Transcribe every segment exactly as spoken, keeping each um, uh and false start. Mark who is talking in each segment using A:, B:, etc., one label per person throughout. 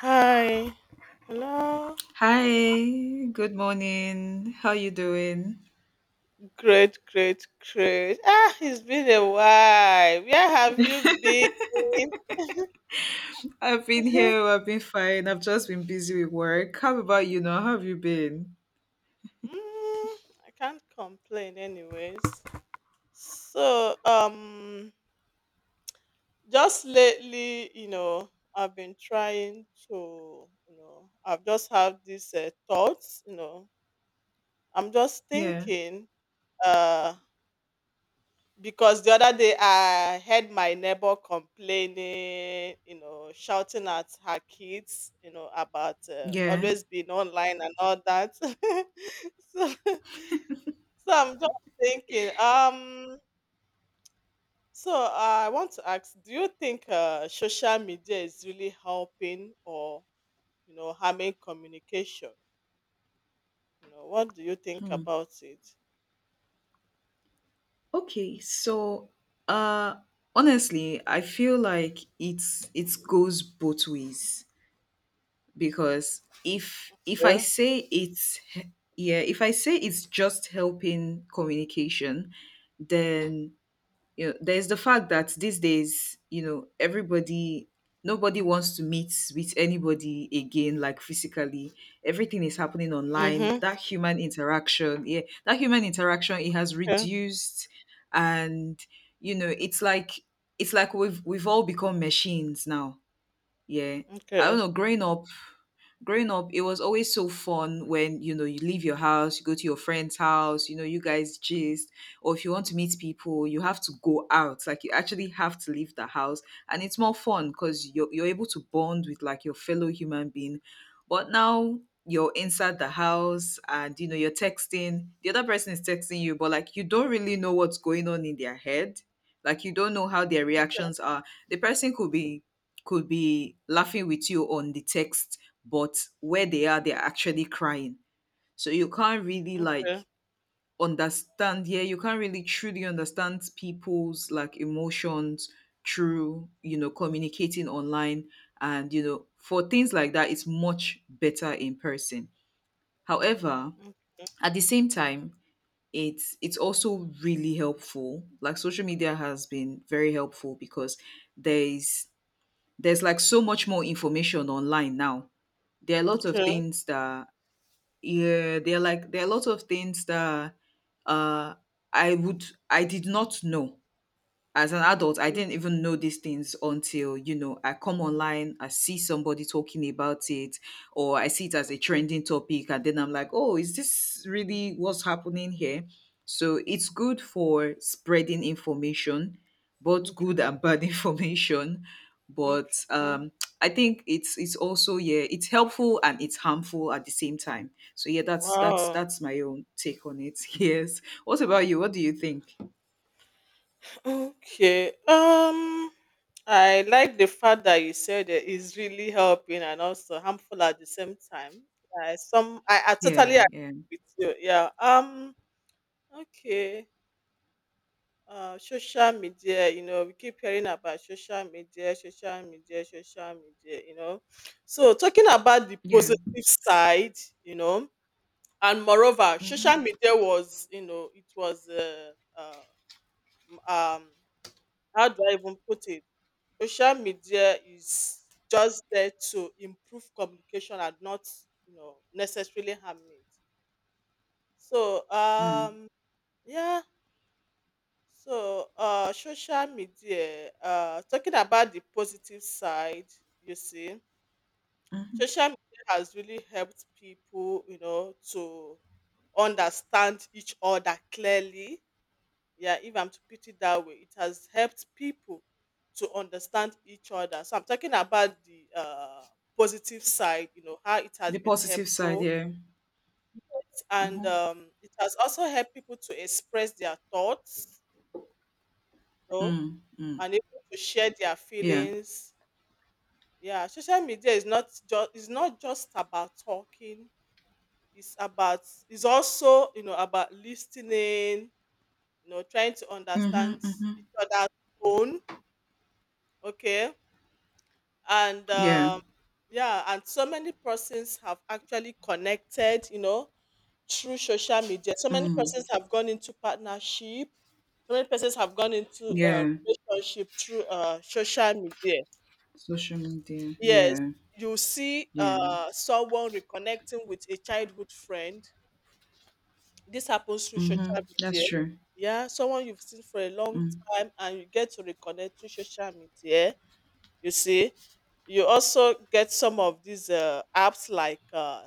A: Hi. Hello.
B: Hi, good morning. How you doing?
A: Great, great, great. Ah, it's been a while. Where have you been?
B: I've been
A: mm,
B: here. I've been fine. I've just been busy with work. How about you now? How have you been?
A: I can't complain, anyways. So, um, just lately, you know, I've been trying to, you know, I've just had these uh, thoughts, you know, I'm just
B: Yeah.
A: thinking. uh. Because the other day I heard my neighbor complaining, you know, shouting at her kids, you know, about uh,
B: Yeah.
A: always being online and all that. so, so I'm just thinking, um, so I want to ask, do you think uh, social media is really helping or, you know, harming communication? You know, what do you think about it?
B: Okay. So, uh honestly, I feel like it's it goes both ways because if if I
A: Yeah.
B: say it's yeah, if I say it's just helping communication, then you know, there's the fact that these days, you know, everybody, nobody wants to meet with anybody again, like physically. Everything is happening online.
A: Mm-hmm.
B: That human interaction, yeah, that human interaction, it has
A: Okay.
B: reduced, and you know, it's like it's like we've we've all become machines now. Yeah, I don't
A: Okay.
B: know. Growing up, growing up it was always so fun when you know you leave your house, you go to your friend's house, you know you guys gist, or if you want to meet people you have to go out, like you actually have to leave the house, and it's more fun because you're, you're able to bond with like your fellow human being. But now you're inside the house and you know you're texting, the other person is texting you, but like you don't really know what's going on in their head, like you don't know how their reactions are. The person could be, could be laughing with you on the text, but where they are, they're actually crying. So you can't really like
A: Okay.
B: understand, yeah, you can't really truly understand people's like emotions through, you know, communicating online. And, you know, for things like that, it's much better in person. However, at the same time, it's it's also really helpful. Like social media has been very helpful because there's there's like so much more information online now. There are a lot of
A: Okay.
B: things that yeah, there are like there are a lot of things that uh I would, I did not know. As an adult I
A: Okay.
B: didn't even know these things until, you know, I come online, I see somebody talking about it, or I see it as a trending topic and then I'm like, oh, is this really what's happening here? So it's good for spreading information, both
A: Okay.
B: good and bad information. But
A: Okay.
B: um I think it's it's also, yeah, it's helpful and it's harmful at the same time. So yeah, that's that's
A: Wow.
B: that's my own take on it. Yes, what about you? What do you think?
A: Okay. Um, I like the fact that you said that it's really helping and also harmful at the same time. I some I, I
B: Yeah,
A: totally agree
B: yeah,
A: with you. Yeah. Um. Okay. Uh, social media. You know, we keep hearing about social media, social media, social media. You know, so talking about the
B: yeah.
A: positive side. You know, and moreover, social
B: Mhm,
A: media was. You know, it was. Uh, uh, um how do I even put it? Social media is just there to improve communication and not you know necessarily harm it. So,
B: mm,
A: um yeah. So uh social media, uh talking about the positive side, you see,
B: mhm.
A: social media has really helped people, you know to understand each other clearly. Yeah, if I'm to put it that way, it has helped people to understand each other. So I'm talking about the uh, positive side, you know how it
B: The
A: has been
B: positive side,
A: helpful.
B: yeah.
A: And
B: Mhm,
A: um, it has also helped people to express their thoughts, you know
B: mm, mm.
A: and able to share their
B: Yeah.
A: feelings. Yeah, social media is not just is not just about talking. It's about it's also you know about listening, you know trying to
B: Mhm,
A: understand
B: mhm.
A: each other's tone. Okay. And
B: Yeah.
A: um, yeah. And so many persons have actually connected, you know through social media. So many
B: Mm,
A: persons have gone into partnership. So many persons have gone into uh,
B: yeah.
A: relationship through uh, social media.
B: Social media.
A: Yes.
B: Yeah.
A: You see,
B: Yeah.
A: uh, someone reconnecting with a childhood friend. This happens through social
B: Mhm. That's
A: media.
B: true.
A: Yeah, someone you've seen for a long
B: Mm.
A: time and you get to reconnect through social media. You see, you also get some of these uh, apps like uh,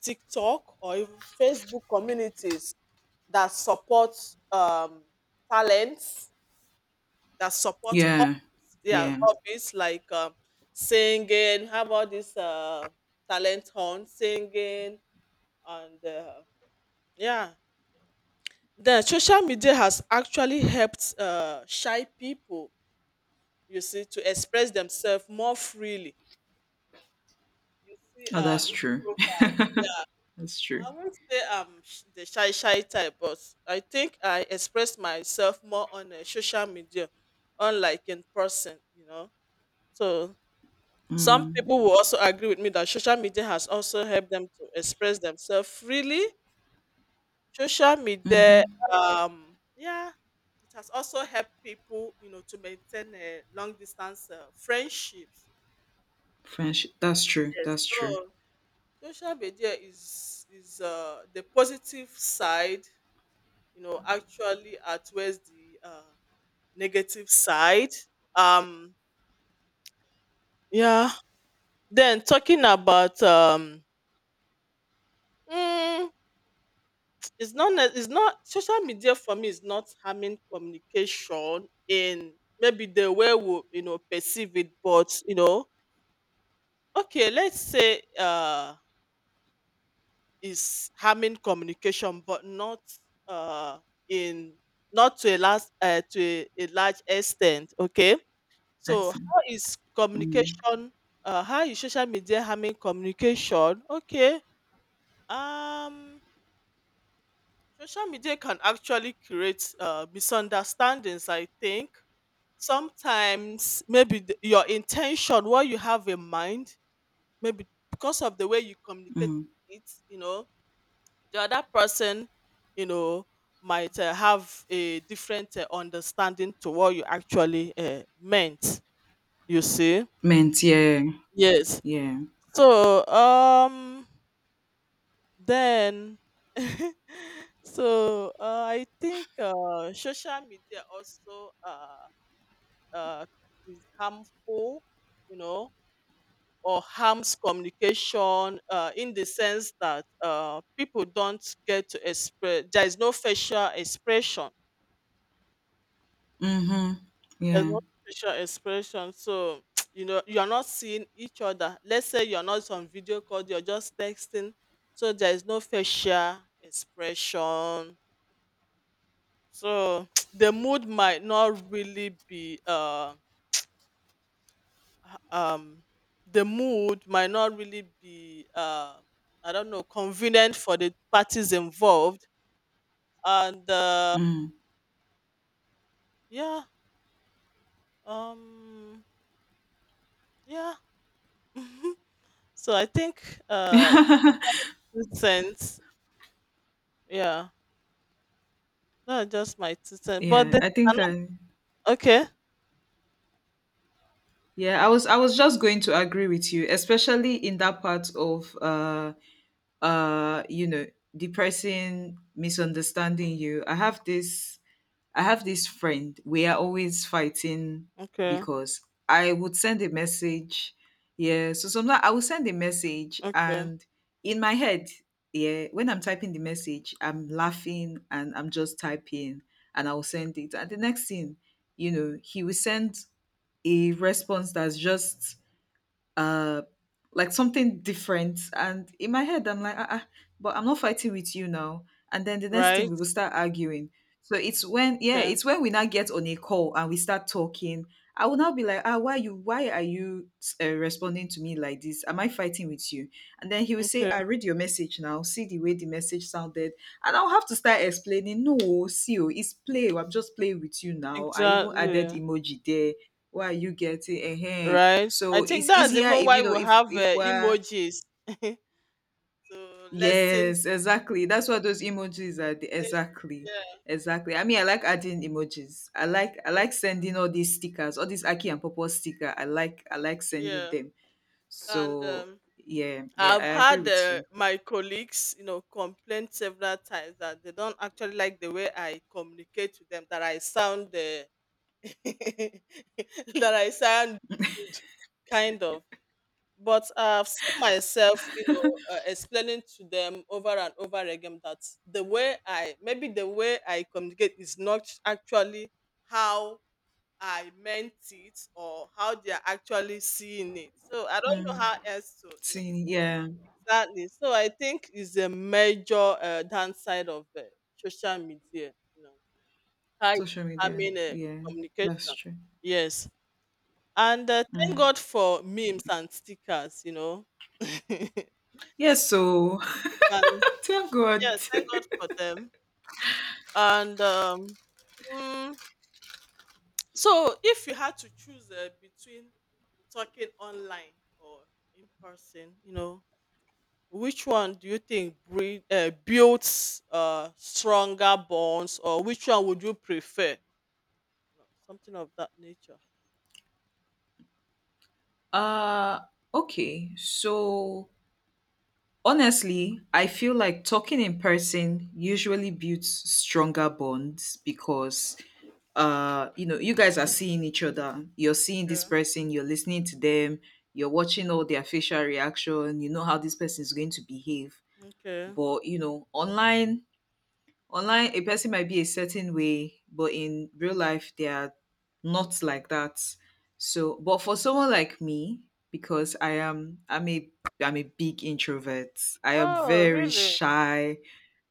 A: TikTok or even Facebook communities that support um, talents, that support
B: Yeah.
A: hobbies. Yeah,
B: Yeah.
A: hobbies like um, singing. How about this uh, talent hunt singing? And uh, yeah, the social media has actually helped uh, shy people, you see, to express themselves more freely. You see,
B: Oh,
A: uh,
B: that's true.
A: introvert. Yeah,
B: That's true.
A: I won't say I'm sh- the shy shy type, but I think I express myself more on uh, social media, unlike in person. You know, so some
B: Mm,
A: people will also agree with me that social media has also helped them to express themselves freely. Social media,
B: mhm.
A: um, yeah, it has also helped people, you know, to maintain a long distance uh, friendships.
B: Friendship. That's true.
A: Yes,
B: That's true.
A: so social media is is uh, the positive side, you know, actually outweighs the uh, negative side. Um, yeah. Then talking about um, mm, it's not ne- it's not social media for me is not harming communication in maybe the way we you know perceive it. But you know, okay, let's say uh is harming communication, but not uh, in, not to a last uh, to a, a large extent. Okay, so
B: Excellent.
A: how is
B: Mm,
A: communication? Uh, how is social media harming communication? Okay, um, social media can actually create uh, misunderstandings. I think sometimes maybe the, your intention, what you have in mind, maybe because of the way you communicate
B: mm.
A: it, you know the other person, you know might uh, have a different uh, understanding to what you actually uh, meant, you see.
B: Meant. Yeah.
A: Yes.
B: Yeah.
A: So um then. So uh, I think uh, social media also, uh, uh, is harmful, you know or harms communication uh, in the sense that uh, people don't get to express, there is no facial expression.
B: Mhm.
A: There's
B: Yeah.
A: no facial expression, so you know you are not seeing each other. Let's say you're not on video call, you're just texting. So there is no facial expression. So the mood might not really be uh h- um the mood might not really be, uh I don't know, convenient for the parties involved. And uh
B: Mm.
A: yeah. um yeah. So I think uh this sense, yeah. No, just my two cents. But
B: Yeah.
A: they
B: I
A: are
B: think I.
A: not. Okay.
B: Yeah, I was I was just going to agree with you, especially in that part of uh uh you know, the person misunderstanding you. I have this I have this friend. We are always fighting
A: Okay.
B: because I would send a message. Yeah, so sometimes I will send a message
A: Okay.
B: and in my head, yeah, when I'm typing the message, I'm laughing and I'm just typing and I'll send it. And the next thing, you know, he will send a response that's just uh like something different, and in my head I'm like, ah, ah, but I'm not fighting with you now. And then the next thing
A: Right.
B: we will start arguing. So it's when, yeah,
A: Okay.
B: it's when we now get on a call and we start talking, I will now be like, ah, why you why are you uh, responding to me like this? Am I fighting with you? And then he will say,
A: Okay.
B: I read your message, now see the way the message sounded. And I'll have to start explaining, no, see, oh, it's play, oh, I'm just playing with you now, I even added
A: Exactly.
B: emoji there, why are you getting eh? Eh?"
A: Right. I
B: So
A: think
B: it's
A: that's
B: easier
A: even
B: if
A: why
B: you know
A: we
B: if
A: have
B: if
A: uh,
B: we're
A: emojis. So lessen.
B: yes, exactly. That's what those emojis are. the- Exactly.
A: Yeah.
B: Exactly. I mean, I like adding emojis. I like I
A: Me
B: like
A: too.
B: sending all these stickers, all these Aki and Popo sticker. I like I like sending
A: Yeah.
B: them.
A: And
B: So
A: um,
B: yeah, yeah, I
A: I've
B: agree
A: had
B: with
A: uh,
B: you.
A: my colleagues, you know, complain several times that they don't actually like the way I communicate to them. That I sound. Uh, that I sound. Rude, kind of. But I've seen myself, you know, uh, explaining to them over and over again that the way I, maybe the way I communicate is not actually how I meant it or how they are actually seeing it. So I don't
B: Mm.
A: know how else to, you know,
B: See, yeah.
A: exactly. So I think is a major uh, downside of uh, social media, you know, how it's
B: Social media.
A: harming uh,
B: Yeah, that's
A: communication.
B: true.
A: Yes. And uh, thank
B: Mm.
A: God for memes and stickers, you know.
B: Yeah, so
A: They can,
B: thank God.
A: yeah, thank God for them. And um mm, so if you had to choose uh, between talking online or in person, you know which one do you think breed, uh, builds uh, stronger bonds, or which one would you prefer, you know, something of that nature?
B: Uh okay. So honestly, I feel like talking in person usually builds stronger bonds because uh you know you guys are seeing each other, you're seeing this
A: Okay,
B: person, you're listening to them, you're watching all their facial reaction, you know how this person is going to behave.
A: okay.
B: But you know online, online a person might be a certain way, but in real life, they are not like that. So, but for someone like me, because I am, I'm a, I'm a big introvert. I am
A: Oh
B: very
A: really?
B: shy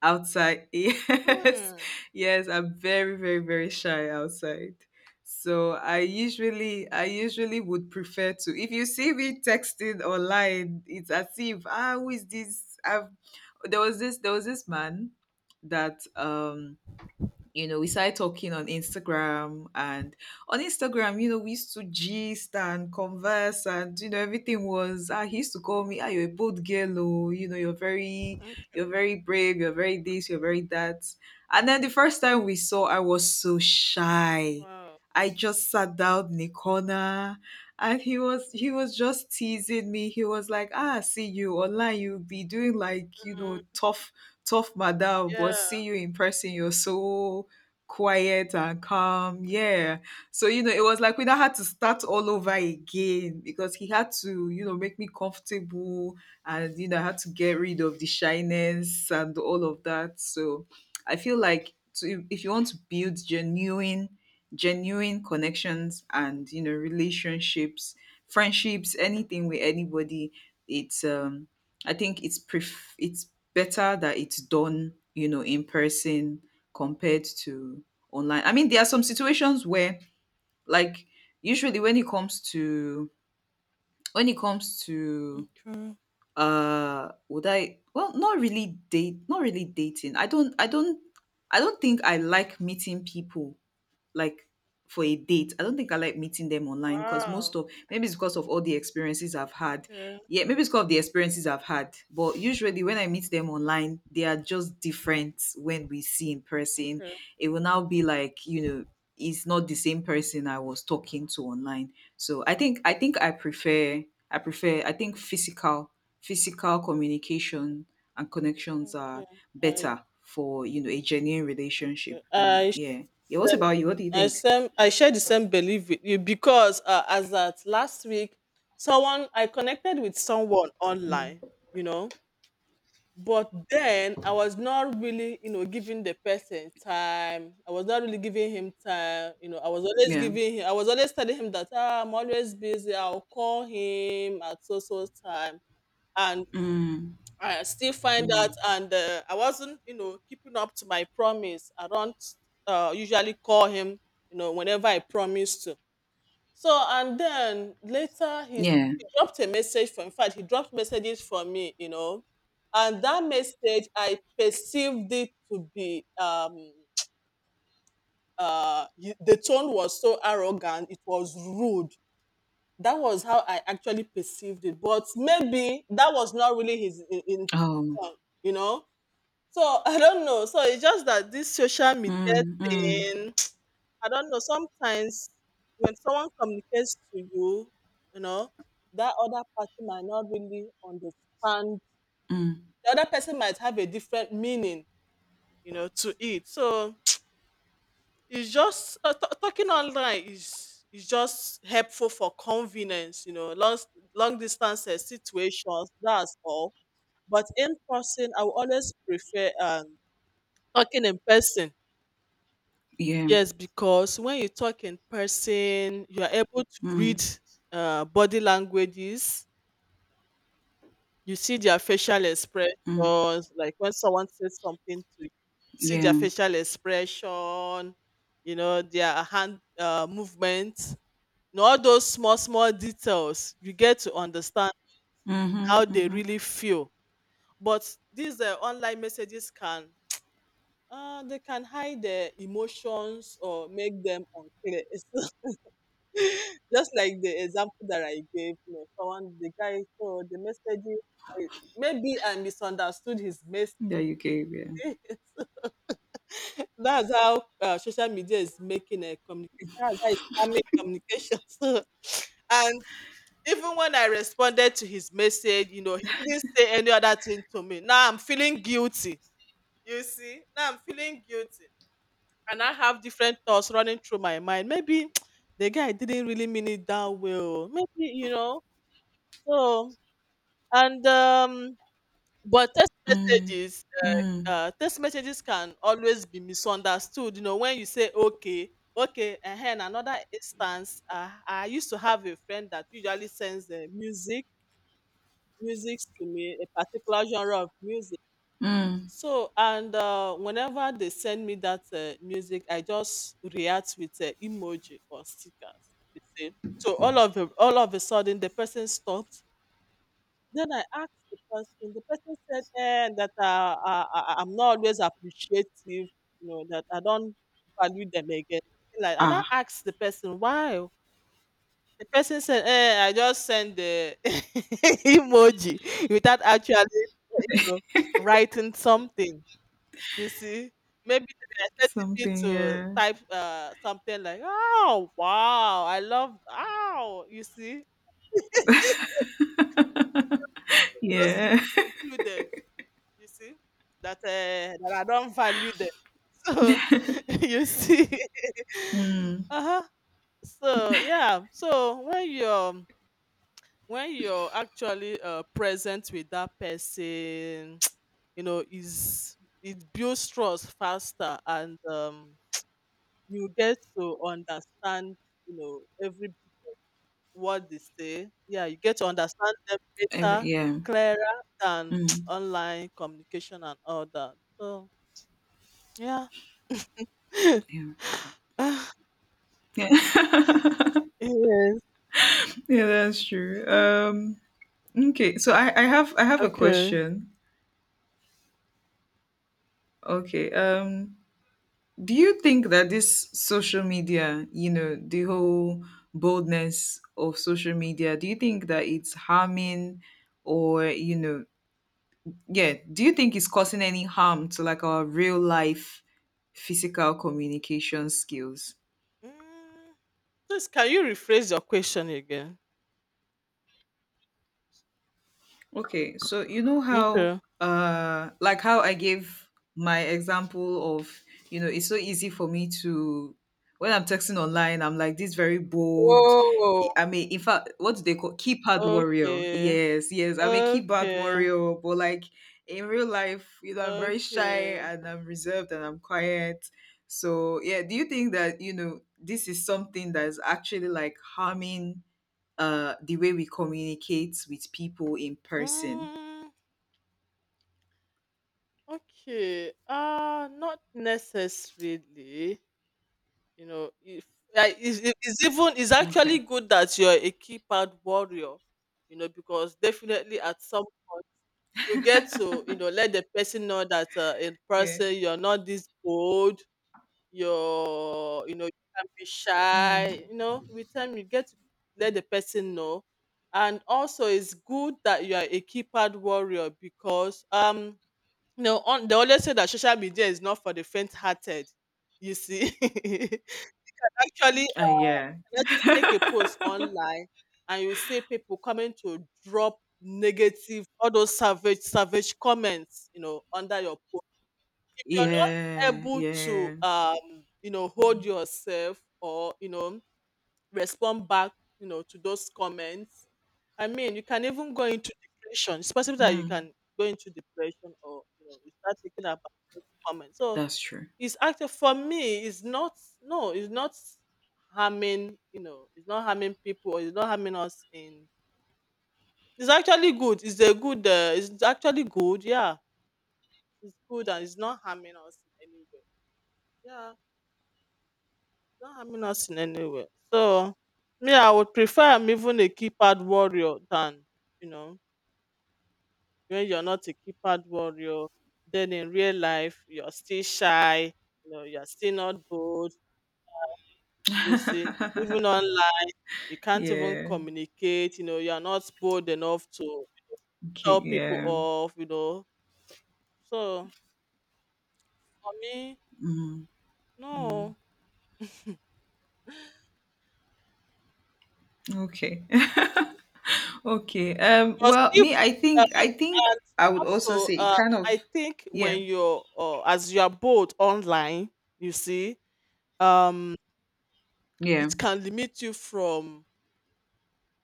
B: outside. Yes,
A: Hmm.
B: yes, I'm very, very, very shy outside. So I usually, I usually would prefer to. If you see me texting online, it's as if, ah, who is this? I've there was this there was this man that um you know we started talking on Instagram, and on Instagram, you know, we used to gist and converse and you know everything was, ah, he used to call me, ah, you're a bold girl, oh, you know you're very,
A: Okay.
B: you're very brave, you're very this, you're very that. And then the first time we saw, I was so shy.
A: Wow.
B: I just sat down in a corner, and he was he was just teasing me. He was like, ah, see you online you'll be doing like, you know,
A: Mm,
B: tough tough madam, but see
A: yeah.
B: you in person, you're so quiet and calm. Yeah. So you know it was like we now had to start all over again because he had to, you know, make me comfortable, and you know I had to get rid of the shyness and all of that. So I feel like to, if you want to build genuine genuine connections and you know relationships, friendships, anything with anybody, it's um I think it's pref- it's better that it's done, you know, in person compared to online. I mean, there are some situations where, like, usually when it comes to, when it comes to
A: Okay.
B: uh would I, well, not really date, not really dating. I don't i don't I don't think I like meeting people like for a date. I don't think I like meeting them online because
A: Wow.
B: most of, maybe it's because of all the experiences I've had.
A: Okay.
B: Yeah, maybe it's because of the experiences I've had. But usually when I meet them online, they are just different when we see in person.
A: Okay.
B: It will now be like, you know, it's not the same person I was talking to online. So I think I think I prefer, I prefer I think physical, physical communication and connections are
A: Okay. I.
B: better for, you know, a genuine relationship
A: Okay.
B: than,
A: I share
B: yeah. Yeah, what
A: the-
B: about you? What do you
A: I
B: think?
A: same I share the same belief with you because uh, as at last week, someone I connected with someone online, you know, but then I was not really, you know, giving the person time. I was not really giving him time, you know. I was always
B: Yeah.
A: giving him. I was always telling him that ah, I'm always busy. I'll call him at so so time.
B: Mm,
A: I still find out,
B: mm.
A: and uh, I wasn't, you know, keeping up to my promise. I don't uh, usually call him, you know, whenever I promise to. So, and then later he, s-
B: Yeah.
A: he dropped a message for, in fact, he dropped messages for me, you know, and that message, I perceived it to be, um, uh, y- the tone was so arrogant, it was rude. That was how I actually perceived it, but maybe that was not really his in-
B: Oh.
A: intention, you know So I don't know. So it's just that this social media
B: Mm, mm,
A: thing. I don't know. Sometimes when someone communicates to you, you know, that other person might not really understand.
B: mm.
A: The other person might have a different meaning, you know, to it. So it's just uh, t- talking online is is just helpful for convenience, you know, long long distances situations. That's all. But in person, I will always prefer um, talking in person.
B: Yeah.
A: Yes, because when you talk in person, you are able to read
B: Mm,
A: uh, body languages. You see their facial
B: mm.
A: expressions, like when someone says something to you, see their
B: Yeah.
A: facial expression, you know, their hand uh, movements, you know, all those small, small details. You get to understand how
B: Mm-hmm.
A: they
B: Mm-hmm.
A: really feel. But these uh, online messages can, uh, they can hide their emotions or make them unclear. Just like the example that I gave, you know, someone, the guy, so the messaging, I- maybe I misunderstood his message.
B: That you gave, yeah.
A: That's how uh, social media is making a communication. That's how it's harming communication. So, and even when I responded to his message, you know, he didn't say any other thing to me. Now I'm feeling guilty. You see, now I'm feeling guilty. And I have different thoughts running through my mind. Maybe the guy didn't really mean it that well. Maybe, you know, So, and um, but text
B: Mm,
A: messages,
B: mm,
A: uh, text messages can always be misunderstood. You know, when you say okay, okay, and in another instance, uh, I used to have a friend that usually sends uh, music, music to me, a particular genre of music.
B: mm.
A: So and uh, whenever they send me that uh, music, I just react with uh, emoji or stickers. You see. So all of a, all of a sudden, the person stopped. Then I asked the person, the person said, eh, that uh, I, I, I'm not always appreciative, you know, that I don't value them again. Like, and I
B: Ah.
A: asked the person, why? The person said, eh, I just send the emoji without actually you know, writing something. You see? Maybe they were expecting me
B: Something,
A: to
B: yeah.
A: type uh, something like, oh, wow, I love, wow, you see? Just you
B: Yeah.
A: know, concluded. You see? That, uh, that I don't value them. So, you see?
B: Mm.
A: Uh-huh. So, yeah. So, when you're um, when you're actually uh, present with that person, you know, is it builds trust faster and um, you get to understand, you know, every what they say. Yeah, you get to understand them
B: Every,
A: better,
B: yeah.
A: clearer than
B: Mm.
A: online communication and all that. So, yeah.
B: Yeah.
A: Ah,
B: Yeah.
A: yes.
B: Yeah, that's true.
A: Mm.
B: Um okay, so I, I have I have a
A: Okay.
B: question. Okay. Um do you think that this social media, you know, the whole boldness of social media, do you think that it's harming, or you know, yeah, do you think it's causing any harm to like our real life physical communication skills?
A: Mm. Please, can you rephrase your question again?
B: Okay, so you know how,
A: Okay.
B: uh, like how I gave my example of, you know, it's so easy for me to, when I'm texting online, I'm like this, very bold.
A: Whoa.
B: I mean, in fact, what do they call, keypad warrior?
A: Okay.
B: Yes, yes, I'm a keypad
A: Okay.
B: warrior, but like in real life, you know, I'm very shy
A: Okay.
B: and I'm reserved and I'm quiet. So yeah, do you think that, you know, this is something that's actually like harming uh, the way we communicate with people in person.
A: Mm, okay. Uh not necessarily. You know, if like, it's, it's even it's actually
B: Okay.
A: good that you're a keypad warrior. You know, because definitely at some point you get to, you know, let the person know that, uh, in
B: Yeah.
A: person you're not this bold, you're you know, you can be
B: Mm.
A: shy. You know, with time you get to let the person know. And also it's good that you are a keypad warrior because um you know, on, they always say that social media is not for the faint hearted, you see. Actually,
B: Uh,
A: uh,
B: yeah.
A: you can actually make a post online and you see people coming to drop negative, all those savage, savage comments, you know, under your post. If you're not
B: Yeah.
A: able to,
B: Yeah.
A: um, you know, hold yourself, or you know, respond back, you know, to those comments, I mean, you can even go into depression. It's possible that you
B: Mm.
A: can go into depression, or you know, you start thinking about those comments. So
B: That's true.
A: it's actually, for me, it's not no, it's not harming. You know, it's not harming people or it's not harming us in It's actually good. It's a good uh, it's actually good, yeah. It's good and it's not harming us in any way. Yeah, it's not harming us in any way. So me, I would prefer I'm even a keypad warrior than, you know, when you're not a keypad warrior, then in real life you're still shy, you know, you're still not bold, you see. Even online you can't even
B: Yeah.
A: communicate, you know, you're not bold enough to
B: Okay.
A: tell people
B: Yeah.
A: off, you know. So for me,
B: Mm, mm.
A: no.
B: Okay. Okay. Um.
A: Because
B: Well,
A: if
B: me, I
A: uh,
B: think, I think
A: and
B: I would also
A: also
B: say it
A: uh,
B: kind of.
A: I think
B: Yeah.
A: when you're uh, as you are bold online, you see, um,
B: Yeah.
A: it can limit you from.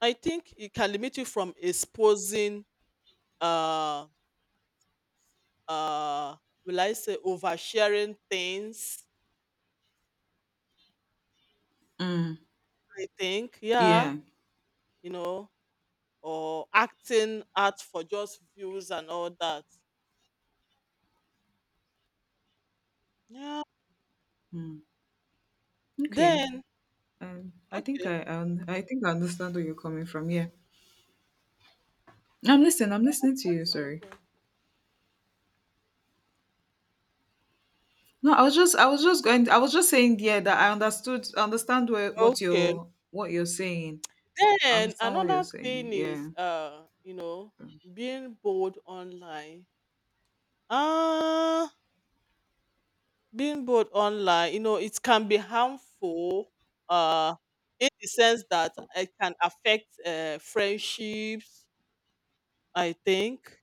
A: I think it can limit you from exposing. Uh, uh, will I say oversharing things?
B: Mm.
A: I think, yeah,
B: Yeah.
A: you know, or acting out for just views and all that. Yeah.
B: Mm. Okay.
A: Then
B: Um. I think
A: okay.
B: I, I, un- I think I understand where you're coming from. Yeah. I'm listening. I'm listening to you.
A: Ask
B: Sorry.
A: something.
B: No, I was just, I was just going. I was just saying, yeah, that I understood, understand where, what
A: Okay.
B: you're, what you're saying. I
A: Then
B: understand what you're
A: another
B: saying.
A: thing is,
B: Yeah.
A: uh, you know, being bold online. Ah, being bold online, you know, it can be harmful uh in the sense that it can affect uh friendships, I think.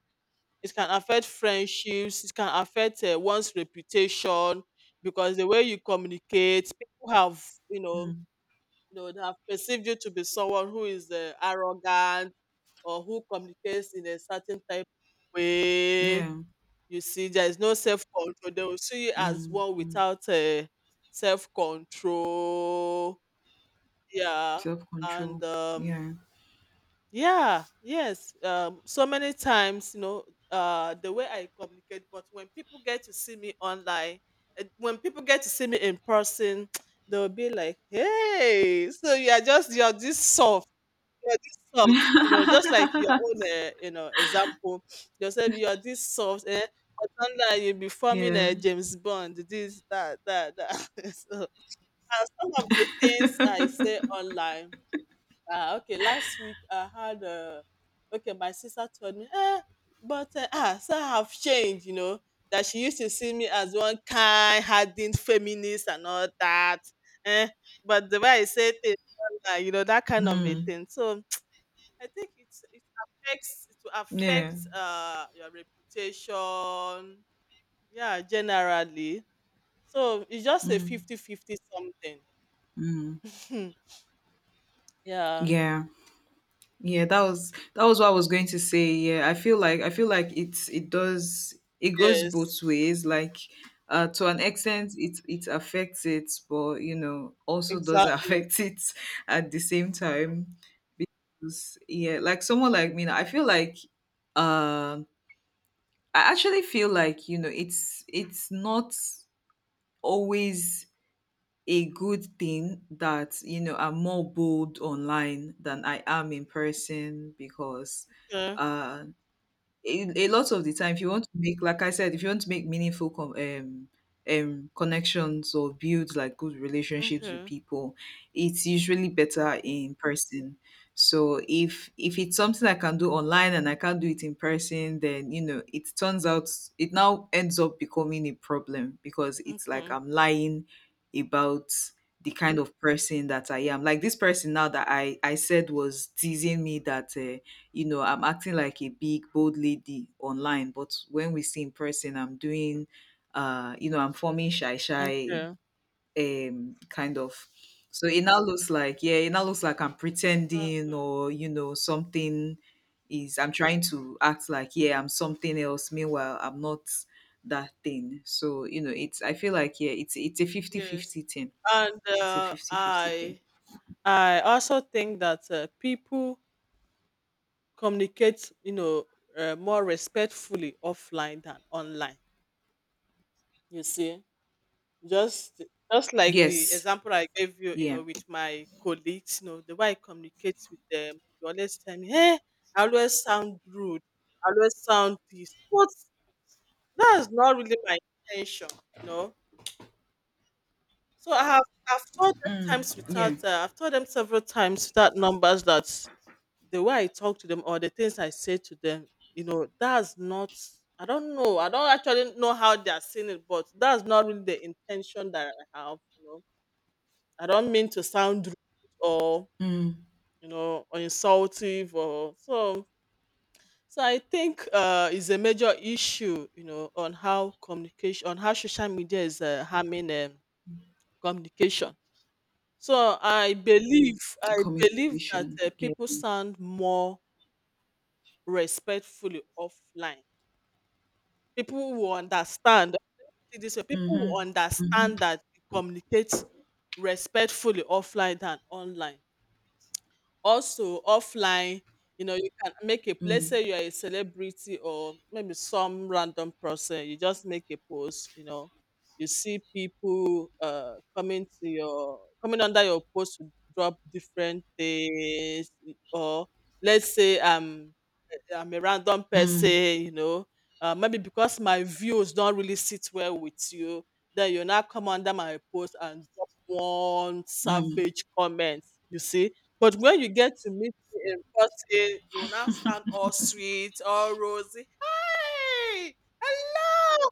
A: It can affect friendships, it can affect uh, one's reputation, because the way you communicate, people have, you know,
B: Mm.
A: you know, they have perceived you to be someone who is, uh, arrogant or who communicates in a certain type of way.
B: Yeah.
A: You see, there is no self control. They will see you as
B: Mm.
A: one
B: Mm.
A: without, uh, self control. Yeah,
B: Self
A: and
B: control.
A: um,
B: Yeah.
A: yeah, yes. Um, so many times, you know, uh, the way I communicate, but when people get to see me online, eh, when people get to see me in person, they'll be like, "Hey, so you are just you're this soft, you're this soft." You know, just like your own, uh, you know, example. You say you're this soft, eh? But online, you'll be forming
B: Yeah.
A: a James Bond, this, that, that, that. So, and some of the things I say online. Ah, okay. Last week I had uh okay, my sister told me, eh, but uh, ah, so I have changed, you know, that she used to see me as one kind, hardened feminist and all that. Eh, but the way I said it, uh, you know, that kind of a
B: Mm.
A: thing. So I think it's it affects it will affect
B: Yeah.
A: uh your reputation, yeah, generally. So it's just a
B: Mm.
A: fifty fifty something.
B: Mm.
A: Yeah.
B: Yeah. Yeah, that was that was what I was going to say. Yeah, I feel like I feel like it's it does, it goes both
A: Yes,
B: ways. Like, uh, to an extent, it it affects it, but you know also does
A: exactly.
B: affect it at the same time. 'Cause, Yeah, like someone like me, I feel like um I actually feel like you know it's it's not always a good thing that you know I'm more bold online than I am in person. Because.
A: Yeah.
B: Uh, a, a lot of the time, if you want to make, like I said, if you want to make meaningful com- um um connections or build like good relationships with
A: Okay,
B: people, it's usually better in person. So if if it's something I can do online and I can't do it in person, then you know it turns out it now ends up becoming a problem because it's like
A: okay,
B: I'm lying about the kind of person that I am. Like this person now that i i said was teasing me that uh, you know, I'm acting like a big, bold lady online, but when we see in person, I'm doing, uh, you know, I'm forming shy, shy,
A: okay.
B: um, kind of. So it now looks like, yeah, it now looks like I'm pretending
A: Mm-mm.
B: or, you know, something is, I'm trying to act like, yeah, I'm something else. Meanwhile, I'm not that thing. So, you know, it's, I feel like, yeah, it's, it's a fifty
A: Yes.
B: fifty thing.
A: And
B: It's a
A: uh,
B: fifty fifty thing.
A: I I also think that uh, people communicate, you know, uh, more respectfully offline than online. You see, just just like the
B: Yes.
A: example I gave you, you
B: Yeah.
A: know, with my colleagues, you know, the way I communicate with them, they always tell me, "Hey, I always sound rude, I always sound this," but that's not really my intention, you know. So I have I've told them
B: Mm,
A: times
B: yeah.
A: without uh, I've told them several times without numbers that the way I talk to them or the things I say to them, you know, that's not I don't know. I don't actually know how they are seeing it, but that's not really the intention that I have, you know. I don't mean to sound rude, or
B: Mm,
A: you know, or insultive or so. So I think uh is a major issue, you know, on how communication on how social media is, uh, harming, um, communication. So I believe I believe that,
B: communication.
A: uh,
B: Yeah.
A: people sound more respectfully offline. People will understand. See This way, people will
B: Mhm. Mhm.
A: understand that you communicate respectfully offline than online. Also offline, you know, you can make a, let's
B: Mm.
A: say you are a celebrity or maybe some random person, you just make a post, you know, you see people uh coming to your coming under your post to drop different things, or let's say, um I'm a random person,
B: Mm.
A: you know, uh, maybe because my views don't really sit well with you, then you now come under my post and drop one
B: Mm.
A: savage comment, you see. But when you get to meet me in person, you will now sound all sweet, all rosy. "Hi, hello,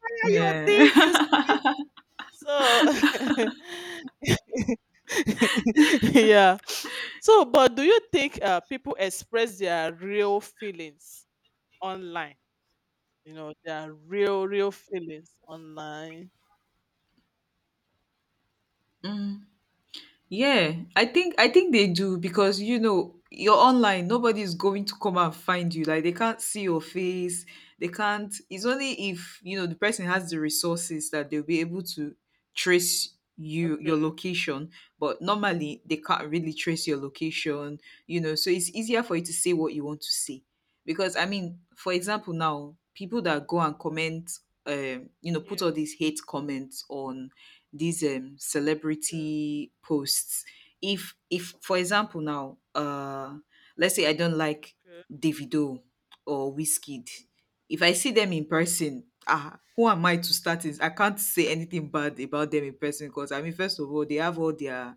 A: how are you
B: Yeah.
A: doing?" You see, so yeah. So, but do you think, uh, people express their real feelings online? You know, there are real, real feelings online.
B: Yeah, I think I think they do because you know you're online. Nobody's going to come and find you. Like they can't see your face. They can't. It's only if you know the person has the resources that they'll be able to trace you
A: Okay.
B: your location. But normally they can't really trace your location. You know, so it's easier for you to say what you want to say. Because I mean, for example, now people that go and comment, um, you know, put all these
A: Yes.
B: hate comments on these um
A: Okay.
B: celebrity posts, if if for example now uh let's say I don't like
A: Okay.
B: Davido or Wizkid, if I see them in person, ah, who am I to start is I can't say anything bad about them in person, because I mean, first of all, they have all their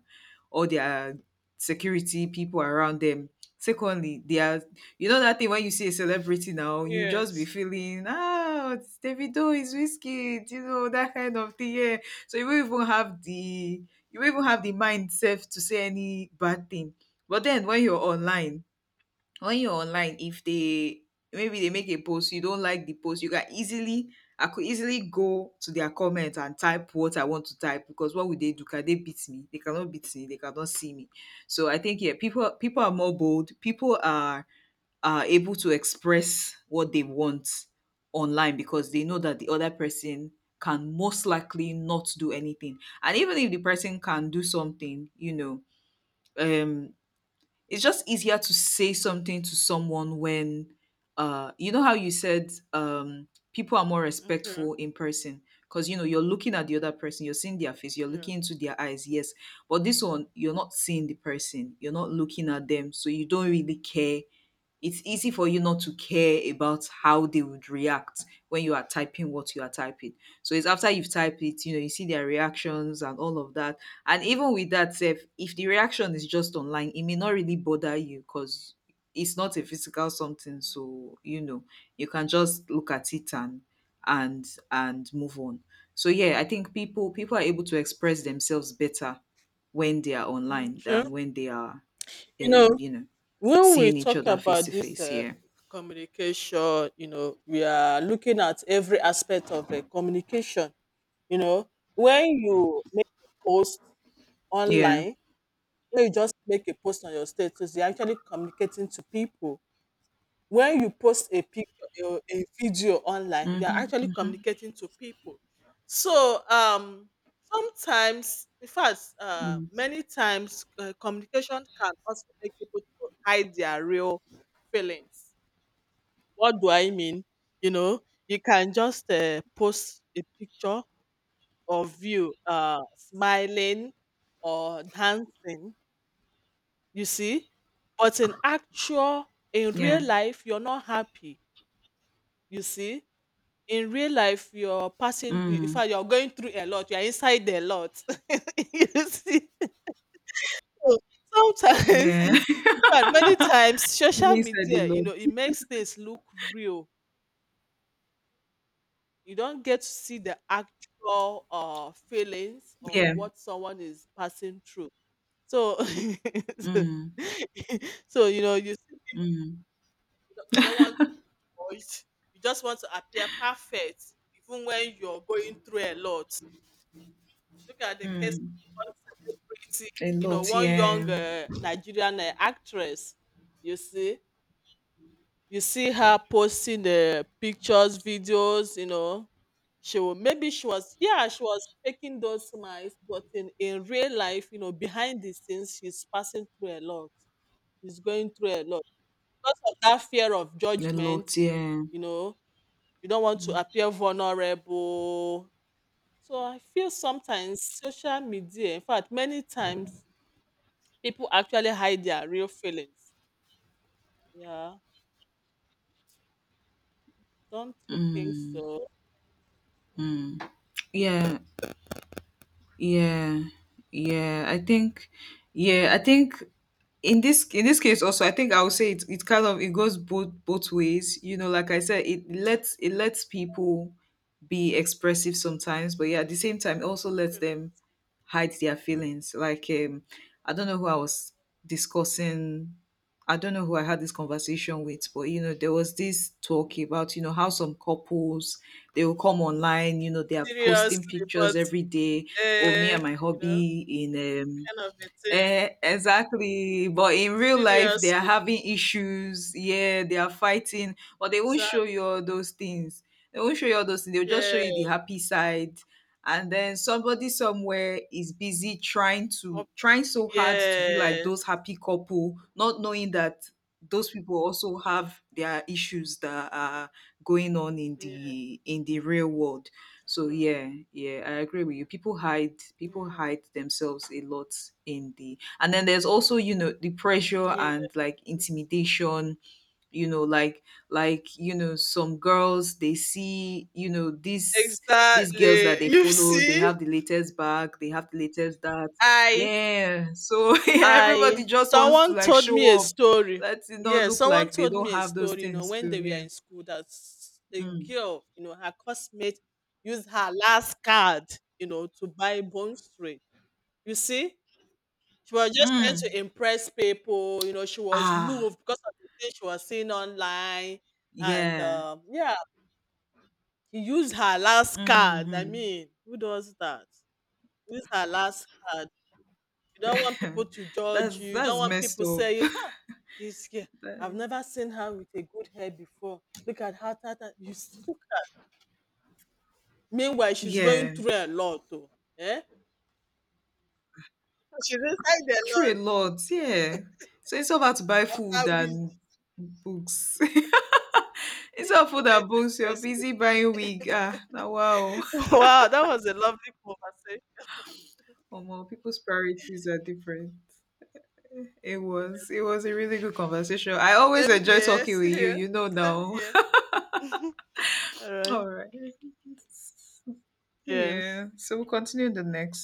B: all their security people around them. Secondly, they are, you know, that thing when you see a celebrity now you just be
A: Yes.
B: feeling, ah, it's Davido, is Whiskey, you know, that kind of thing, yeah. So you won't even have the you won't even have the mind self to say any bad thing. But then when you're online, when you're online, if they maybe they make a post, you don't like the post, you can easily I could easily go to their comment and type what I want to type. Because what would they do? Can they beat me? They cannot beat me. They cannot see me. So I think, yeah, people people are more bold. People are are able to express what they want online because they know that the other person can most likely not do anything. And even if the person can do something, you know um it's just easier to say something to someone when, uh you know how you said, um people are more
A: Okay.
B: respectful in person, because you know you're looking at the other person, you're seeing their face, you're
A: Yeah.
B: looking into their eyes. Yes. But this one, you're not seeing the person, you're not looking at them, so you don't really care. It's easy for you not to care about how they would react when you are typing what you are typing. So it's after you've typed it, you know you see their reactions and all of that. And even with that sef, if the reaction is just online, it may not really bother you because it's not a physical something, so you know you can just look at it and and and move on. So yeah, I think people people are able to express themselves better when they are online
A: Okay.
B: than when they are,
A: You know,
B: um you know
A: when we
B: seeing each
A: talk
B: other face
A: about
B: to
A: this,
B: face.
A: uh,
B: Yeah.
A: communication, you know, we are looking at every aspect of, uh, communication. You know, when you make a post
B: Yeah.
A: online, when you just make a post on your status, you're actually communicating to people. When you post a picture or a video online, you are
B: Mm-hmm,
A: actually
B: mm-hmm,
A: communicating to people. So um sometimes, in fact, uh,
B: mm.
A: many times, uh, communication can also make people to hide their real feelings. What do I mean? You know, you can just, uh, post a picture of you, uh, smiling or dancing, you see, but in actual, in
B: Yeah.
A: real life, you're not happy. You see, in real life you're passing, in
B: Mm.
A: fact, you're going through a lot, you're inside a lot. You see. So sometimes
B: Yeah.
A: in fact, many times, social
B: Inside the
A: media, you
B: lot.
A: know, it makes things look real. You don't get to see the actual uh feelings or
B: Yeah.
A: what someone is passing through. So so
B: Mm.
A: so, you know, you see,
B: Mm.
A: you don't, you don't want to be judged, you just want to appear perfect even when you're going through a lot. Look at the case of
B: Mm.
A: one celebrity,
B: A
A: you know,
B: lot,
A: one
B: yeah.
A: young, uh, Nigerian, uh, actress. You see, you see her posting the pictures, videos. You know, she will, maybe she was, yeah, she was faking those smiles, but in in real life, you know, behind the scenes, she's passing through a lot. She's going through a lot because of that fear of
B: A lot,
A: judgment.
B: yeah.
A: You know, you don't want to appear vulnerable. So I feel sometimes social media, in fact, many times, people actually hide their real feelings. Yeah, don't you think so?
B: Yeah. Yeah, yeah. I think, yeah, I think in this in this case also, I think I would say it, it kind of, it goes both both ways. You know, like I said, it
A: Yeah,
B: lets it lets people be expressive sometimes, but yeah, at the same time, it also lets
A: kind.
B: them hide their feelings. Like, um, I don't know who I was discussing. I don't know who I had this conversation with. But you know, there was this talk about, you know, how some couples, they will come online, you know, they are posting
A: Seriously,
B: pictures
A: but
B: every day. Oh, me
A: uh,
B: and my
A: you know,
B: hobby in um
A: kind of a thing.
B: eh, exactly. But in real life, they are
A: Seriously,
B: having issues. Yeah, they are fighting, but they won't show
A: exactly.
B: you all those things. They won't show you all those things. They'll just show
A: Yeah.
B: you the happy side. And then somebody somewhere is busy trying to
A: Cop-
B: trying so hard to be like those
A: yes,
B: happy couple, not knowing that those people also have their issues that are going on in
A: yeah.
B: the in the real world. So
A: Mm.
B: yeah, yeah, I agree with you. People hide people
A: Yeah,
B: hide themselves a lot. In the And then there's also, you know, the pressure and like
A: yes.
B: intimidation, you know, like like, you know, some girls, they see, you know, these these girls that
A: Exactly.
B: they
A: You
B: follow, they
A: see,
B: have the latest bag, they have the latest that.
A: I
B: Yeah. So yeah, everybody
A: I
B: just wants to
A: someone
B: like
A: told
B: show
A: me a
B: off.
A: story.
B: Let it not
A: Yeah,
B: look
A: someone
B: like they
A: told
B: don't
A: me a
B: have those
A: story, you know,
B: things
A: when
B: too.
A: they were
B: Yeah.
A: in school that s- a
B: Mm.
A: girl, you know, her classmate used her last card, you know, to buy Bone Street. You see? She was just trying
B: Mm.
A: to impress people. You know, she was
B: Ah,
A: moved because of the things she was seeing online. And
B: yeah.
A: um, yeah, he used her last card. I
B: Mhm.
A: mean, who does that? Use her last card. You don't want people to judge
B: That's
A: you. You don't
B: that's
A: want
B: messed
A: people
B: up.
A: saying, "Huh, this girl, I've
B: That-
A: never seen her with a good hair before. Look at how that, you s- look at-" Meanwhile, she's going
B: yeah,
A: through a lot, though. Eh? So she's inside the
B: true a
A: lot.
B: lot. Yeah. So instead of how to buy food
A: After we
B: and books,
A: we
B: instead of food
A: Trying
B: and
A: to
B: books, you're
A: impress people.
B: busy buying wig. Ah, now wow.
A: Wow, that was a lovely conversation.
B: Omo, people's priorities are different. It was it was a really good conversation. I always
A: Same
B: enjoy
A: here,
B: talking with you.
A: serious.
B: You know
A: Same
B: now.
A: here. All right.
B: All right.
A: Yes.
B: Yeah. So we'll continue in the next